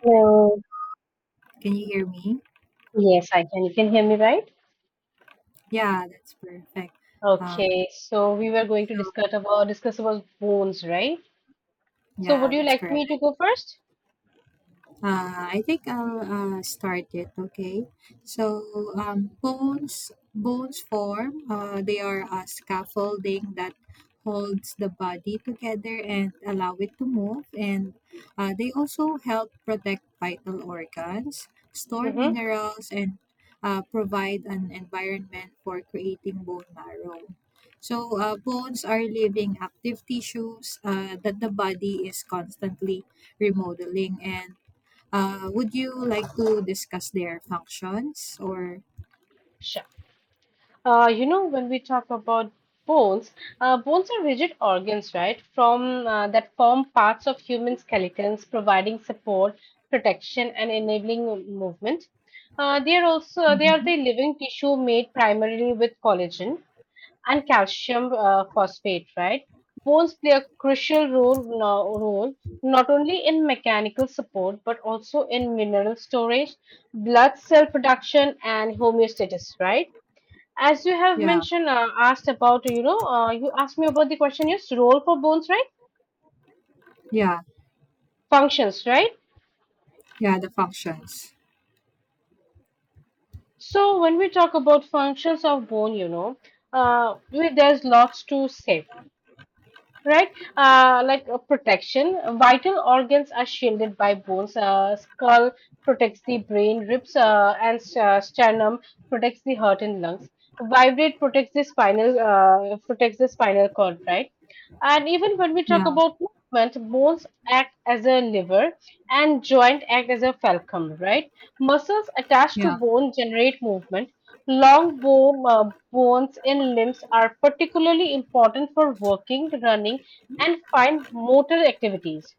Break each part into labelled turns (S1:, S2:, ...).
S1: Hello.
S2: Can you hear me?
S1: Yes, I can. You can hear me, right?
S2: Yeah, that's perfect. Um,
S1: Okay. So we were going to
S2: so
S1: discuss about phones, right? So would
S2: yeah,
S1: you
S2: that's
S1: like
S2: correct.
S1: me to go first?
S2: I think I'll start it. Okay. So bones form. They are a scaffolding that holds the body together and allow it to move. And they also help protect vital organs, store
S1: Mm-hmm.
S2: minerals, and provide an environment for creating bone marrow. So bones are living active tissues that the body is constantly remodeling, and would you like to discuss their functions or
S1: Sure. When we talk about bones, bones are rigid organs, right? From That form parts of human skeletons, providing support, protection, and enabling movement. They are the
S2: Mhm.
S1: living tissue made primarily with collagen and calcium phosphate, right? Bones play a crucial role not only in mechanical support but also in mineral storage, blood cell production, and homeostasis, right? As you have
S2: Yeah,
S1: mentioned, asked about, you asked me about the question, yes, role for bones, right?
S2: yeah,
S1: Functions, right?
S2: yeah, the functions.
S1: So when we talk about functions of bone, there's lots to say, right? Like protection, vital organs are shielded by bones. Skull protects the brain, ribs and sternum protects the heart and lungs. Vibrate protects the spinal cord, right? And even when we talk
S2: Yeah,
S1: about movement, bones act as a lever and joint act as a fulcrum, right? Muscles attached to
S2: yeah,
S1: bone generate movement. Long bones in limbs are particularly important for working, running, and fine motor activities.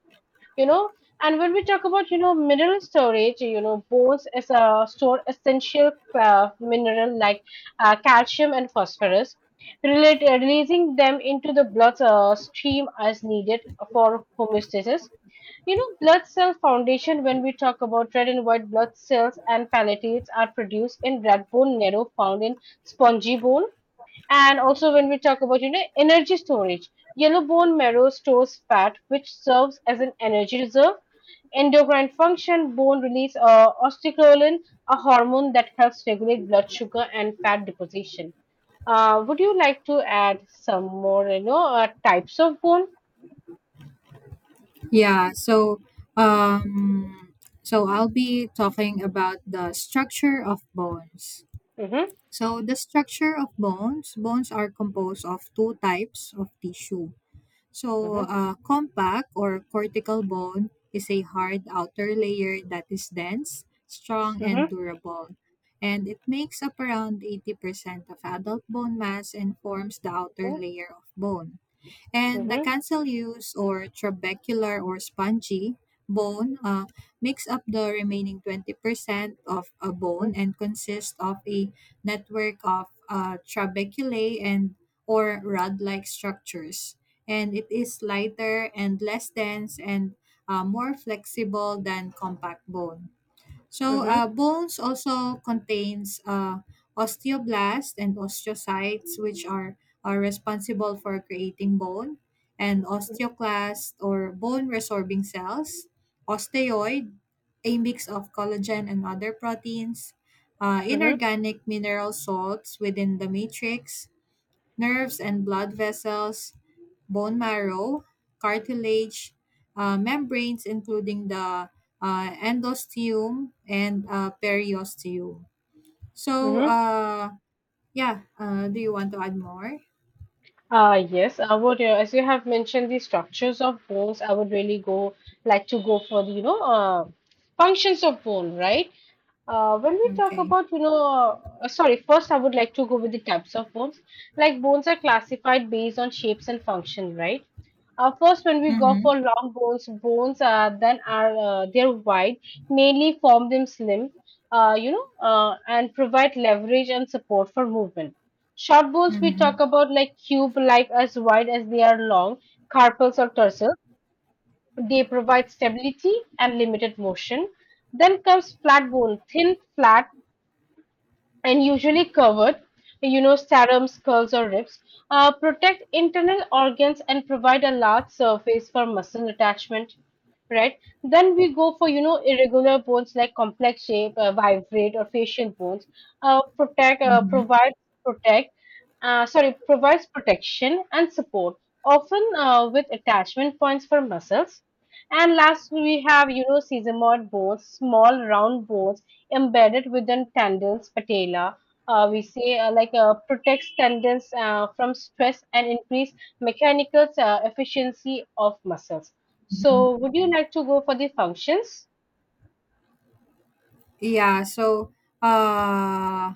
S1: You know, and when we talk about, you know, mineral storage, you know, bones is store essential mineral like calcium and phosphorus, releasing them into the blood stream as needed for homeostasis. You know, blood cell foundation, when we talk about red and white blood cells and platelets are produced in red bone marrow found in spongy bone. And also when we talk about, you know, energy storage, yellow bone marrow stores fat, which serves as an energy reserve. Endocrine function, bone release osteocalin, a hormone that helps regulate blood sugar and fat deposition. Would you like to add some more, types of bone?
S2: yeah. Um, so I'll be talking about the structure of bones.
S1: Mm-hmm,
S2: So the structure of bones, bones are composed of two types of tissue.
S1: mm-hmm,
S2: So, compact or cortical bone is a hard outer layer that is dense, strong,
S1: mm-hmm,
S2: and durable. And it makes up around 80% of adult bone mass and forms the outer
S1: mm-hmm.
S2: layer of bone. And the
S1: Mm-hmm.
S2: cancel use or trabecular or spongy bone makes up the remaining 20% of a bone and consists of a network of trabeculae and or rod-like structures. And it is lighter and less dense and more flexible than compact bone. So
S1: Mm-hmm,
S2: bones also contains osteoblasts and osteocytes, which are responsible for creating bone, and osteoclast or bone resorbing cells, osteoid, a mix of collagen and other proteins,
S1: mm-hmm,
S2: inorganic mineral salts within the matrix, nerves and blood vessels, bone marrow, cartilage, membranes, including the endosteum and periosteum. So,
S1: mm-hmm.
S2: uh, yeah, do you want to add more?
S1: Yes, I would, as you have mentioned the structures of bones, I would really go like to go for the, functions of bone, right? When we talk
S2: Okay.
S1: about, you know, sorry, first I would like to go with the types of bones. Like bones are classified based on shapes and function, right? First, when we go
S2: Mm-hmm,
S1: for long bones, bones then are they're wide, mainly form them slim, and provide leverage and support for movement. Short bones, we talk
S2: mm-hmm,
S1: about like cube-like, as wide as they are long, carpals or tarsal. They provide stability and limited motion. Then comes flat bone, thin, flat and usually covered, you know, serums, skulls, or ribs, protect internal organs and provide a large surface for muscle attachment, right? Then we go for, you know, irregular bones like complex shape, vibrate, or facial bones, uh, protect, uh,
S2: mm-hmm,
S1: provide, protect, sorry, provides protection and support, often with attachment points for muscles, and last, we have, you know, sesamoid bones, small round bones embedded within tendons patella. We say like protects tendons from stress and increase mechanical efficiency of muscles.
S2: mm-hmm.
S1: So, would you like to go for the functions?
S2: Yeah, so uh,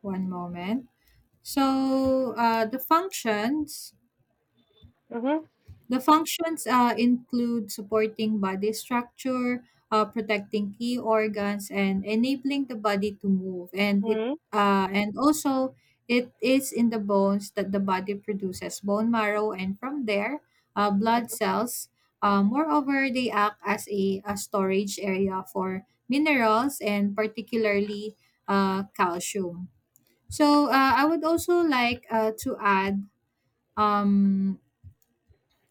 S2: one moment. So,
S1: Mm-hmm.
S2: the functions include supporting body structure, protecting key organs, and enabling the body to move. And it
S1: Mm-hmm.
S2: and also it is in the bones that the body produces bone marrow, and from there, blood cells. Moreover, they act as a storage area for minerals and particularly calcium. So I would also like to add um,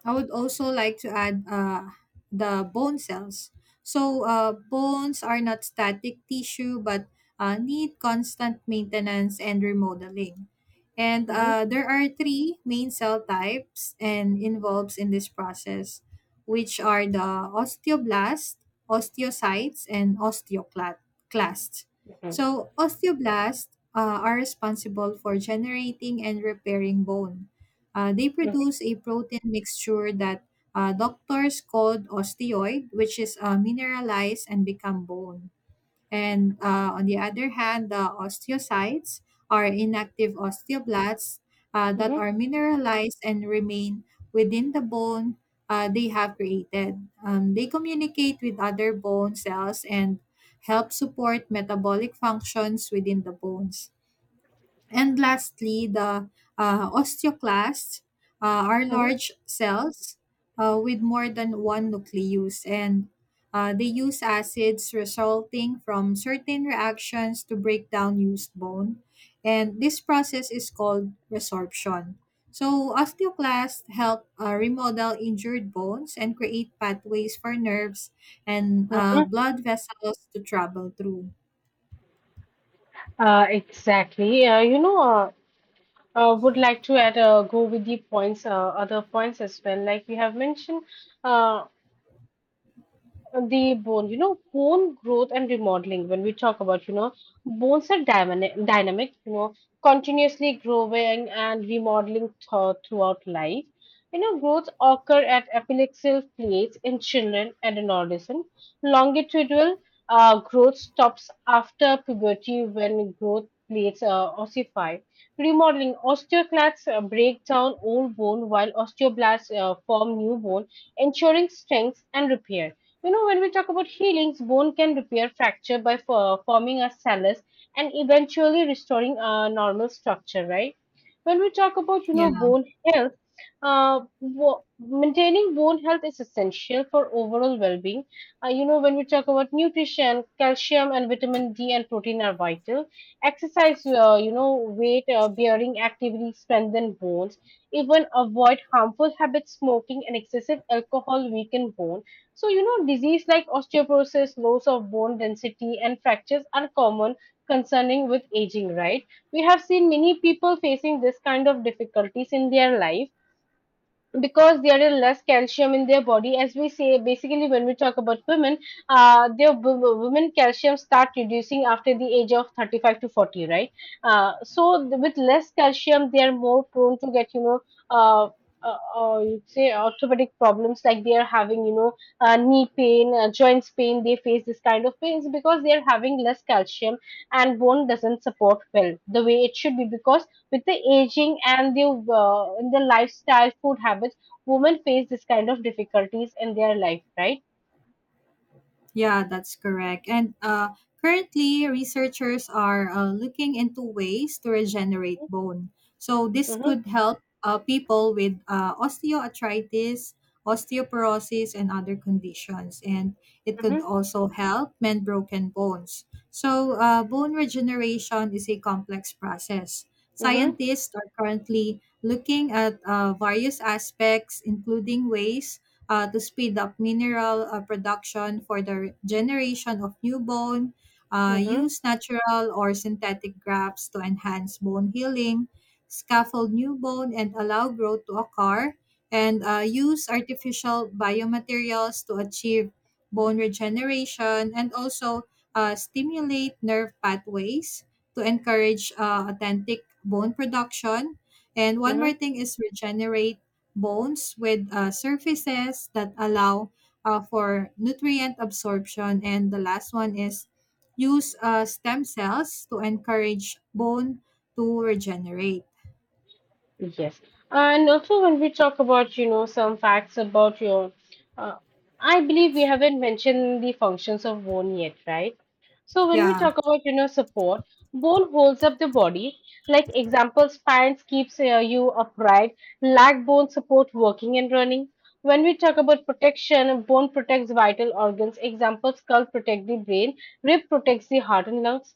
S2: I would also like to add uh, the bone cells. So, bones are not static tissue but need constant maintenance and remodeling. And
S1: Mhm,
S2: there are three main cell types and involves in this process, which are the osteoblast, osteocytes, and osteoclasts.
S1: mhm,
S2: So, osteoblasts are responsible for generating and repairing bone. Uh, they
S1: mhm,
S2: produce a protein mixture that doctors called osteoid, which is mineralized and become bone. And on the other hand, the osteocytes are inactive osteoblasts that
S1: mhm,
S2: are mineralized and remain within the bone they have created. They communicate with other bone cells and help support metabolic functions within the bones. And lastly, the osteoclasts are
S1: mhm,
S2: large cells with more than one nucleus, and they use acids resulting from certain reactions to break down used bone. And this process is called resorption. So, osteoclasts help remodel injured bones and create pathways for nerves and
S1: mhm.
S2: blood vessels to travel through.
S1: Exactly. Would like to add, go with the points, other points as well. Like we have mentioned, uh, the bone, you know, bone growth and remodeling. When we talk about, you know, bones are dynamic, you know, continuously growing and remodeling throughout life. You know, growths occur at apical plates in children and in adolescents. Longitudinal growth stops after puberty when growth plates ossify. Remodeling osteoclasts break down old bone while osteoblasts form new bone, ensuring strength and repair. You know, when we talk about healings, bone can repair fracture by forming a callus and eventually restoring a normal structure, right? When we talk about, you
S2: Yeah.
S1: know, bone health, uh, wo- maintaining bone health is essential for overall well-being. You know, when we talk about nutrition, calcium and vitamin D and protein are vital. Exercise, weight bearing activities strengthen bones. Even avoid harmful habits, smoking and excessive alcohol weaken bones, so, you know, disease like osteoporosis, loss of bone density, and fractures are common concerning with aging, right? We have seen many people facing this kind of difficulties in their life because there is less calcium in their body, as we say basically, when we talk about women, women calcium start reducing after the age of 35 to 40, right? With less calcium they are more prone to get, uh, you'd say, orthopedic problems, like they are having, you know, knee pain, joints pain. They face this kind of pains because they are having less calcium and bone doesn't support well the way it should be, because with the aging and the, in the lifestyle, food habits, women face this kind of difficulties in their life, right?
S2: Yeah, that's correct. And currently, researchers are looking into ways to regenerate bone. So, this
S1: Mm-hmm,
S2: could help people with osteoarthritis, osteoporosis, and other conditions. And it could
S1: mm-hmm,
S2: also help mend broken bones. So, bone regeneration is a complex process.
S1: mm-hmm,
S2: Scientists are currently looking at various aspects, including ways to speed up mineral production for the generation of new bone,
S1: mm-hmm.
S2: use natural or synthetic grafts to enhance bone healing, scaffold new bone and allow growth to occur, and use artificial biomaterials to achieve bone regeneration and also stimulate nerve pathways to encourage authentic bone production. And one more thing is regenerate bones with surfaces that allow for nutrient absorption. And the last one is use stem cells to encourage bone to regenerate.
S1: Yes. And also, when we talk about, you know, some facts about your, uh, I believe we haven't mentioned the functions of bone yet, right? So, when we
S2: Yeah,
S1: talk about, you know, support, bone holds up the body. Like example, spines keeps you upright. Leg bone support working and running. When we talk about protection, bone protects vital organs. Example, skull protect the brain, rib protects the heart and lungs.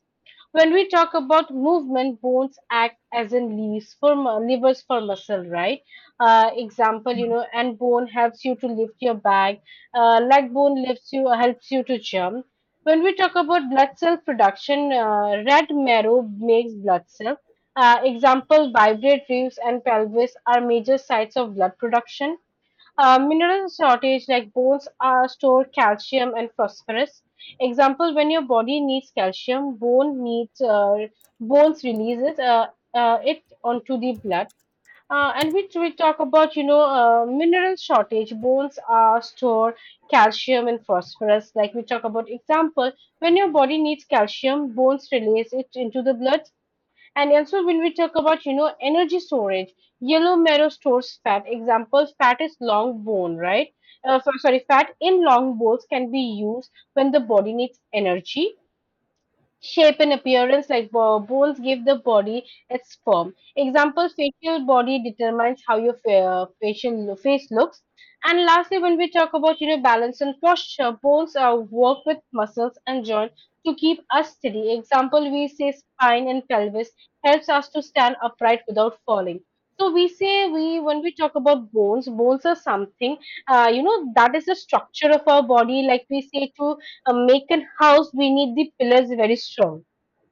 S1: When we talk about movement, bones act as in levers for muscle, right? Example, you know, and bone helps you to lift your bag. Leg bone lifts you, helps you to jump. When we talk about blood cell production, red marrow makes blood cell. Example, vibrate ribs and pelvis are major sites of blood production. Mineral shortage, like bones are store calcium and phosphorus. Example, when your body needs calcium, bones releases it onto the blood. And which we talk about, you know, mineral shortage. Bones are store calcium and phosphorus. Like we talk about, example, when your body needs calcium, bones release it into the blood. And also when we talk about, you know, energy storage, yellow marrow stores fat. Example, fat is long bone, right? Sorry, fat in long bones can be used when the body needs energy. Shape and appearance, like bones, give the body its form. Example, facial body determines how your face looks. And lastly, when we talk about, you know, balance and posture, bones are work with muscles and joints to keep us steady. Example, we say spine and pelvis helps us to stand upright without falling. So we say, we when we talk about bones, bones are something, you know, that is the structure of our body. Like we say, to make a house, we need the pillars very strong,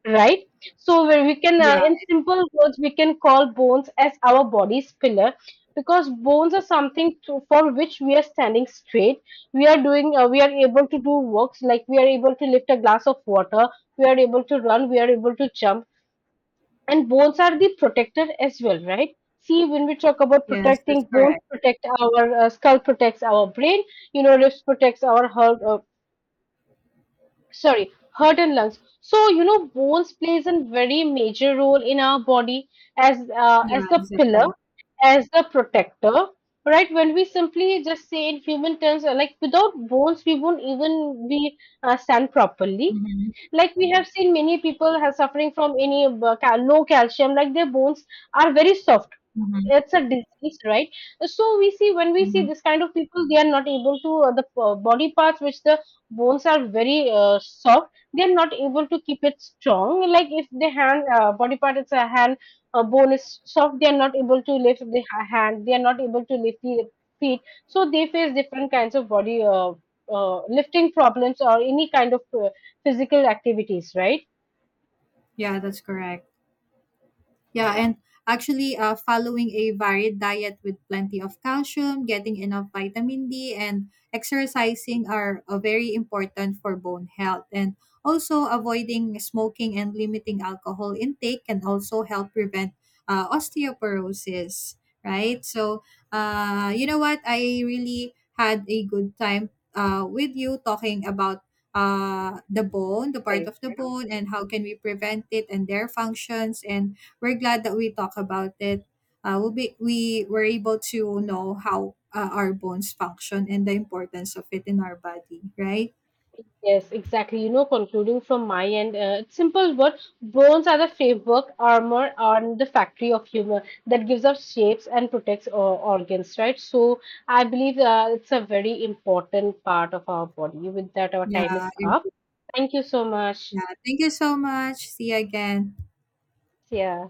S1: right? So where we can,
S2: yeah,
S1: in simple words, we can call bones as our body's pillar, because bones are something to, for which we are standing straight. We are doing, we are able to do works, like we are able to lift a glass of water, we are able to run, we are able to jump, and bones are the protector as well, right? See, when we talk about
S2: yes,
S1: protecting
S2: that's
S1: bones,
S2: correct.
S1: protect our skull, protects our brain, you know, ribs protects our heart, sorry, heart and lungs. So, you know, bones plays a very major role in our body as,
S2: Yeah,
S1: as the pillar,
S2: exactly.
S1: as the protector, right? When we simply just say in human terms, like without bones, we won't even be stand properly.
S2: Hmm.
S1: Like we have seen many people are suffering from any no calcium, like their bones are very soft.
S2: Hmm.
S1: It's a disease, right? So we see, when we see
S2: Hmm.
S1: this kind of people, they are not able to, the body parts which the bones are very soft, they are not able to keep it strong. Like if the hand body part, it's a hand, bone is soft, they are not able to lift the hand, they are not able to lift the feet, so they face different kinds of body, lifting problems or any kind of physical activities, right?
S2: Yeah, that's correct. Yeah, and actually, following a varied diet with plenty of calcium, getting enough vitamin D, and exercising are very important for bone health. And also, avoiding smoking and limiting alcohol intake can also help prevent osteoporosis, right? So, you know what? I really had a good time with you talking about the bone, the part of the bone, and how can we prevent it and their functions, and we're glad that we talk about it. We were able to know how our bones function and the importance of it in our body, right?
S1: Yes, exactly. You know, concluding from my end, it's simple, but bones are the framework, armor, and the factory of humor that gives us shapes and protects our organs, right? So I believe it's a very important part of our body. With that, our time
S2: Yeah,
S1: is up. Thank you so much.
S2: yeah. Thank you so much. See you again.
S1: Yeah.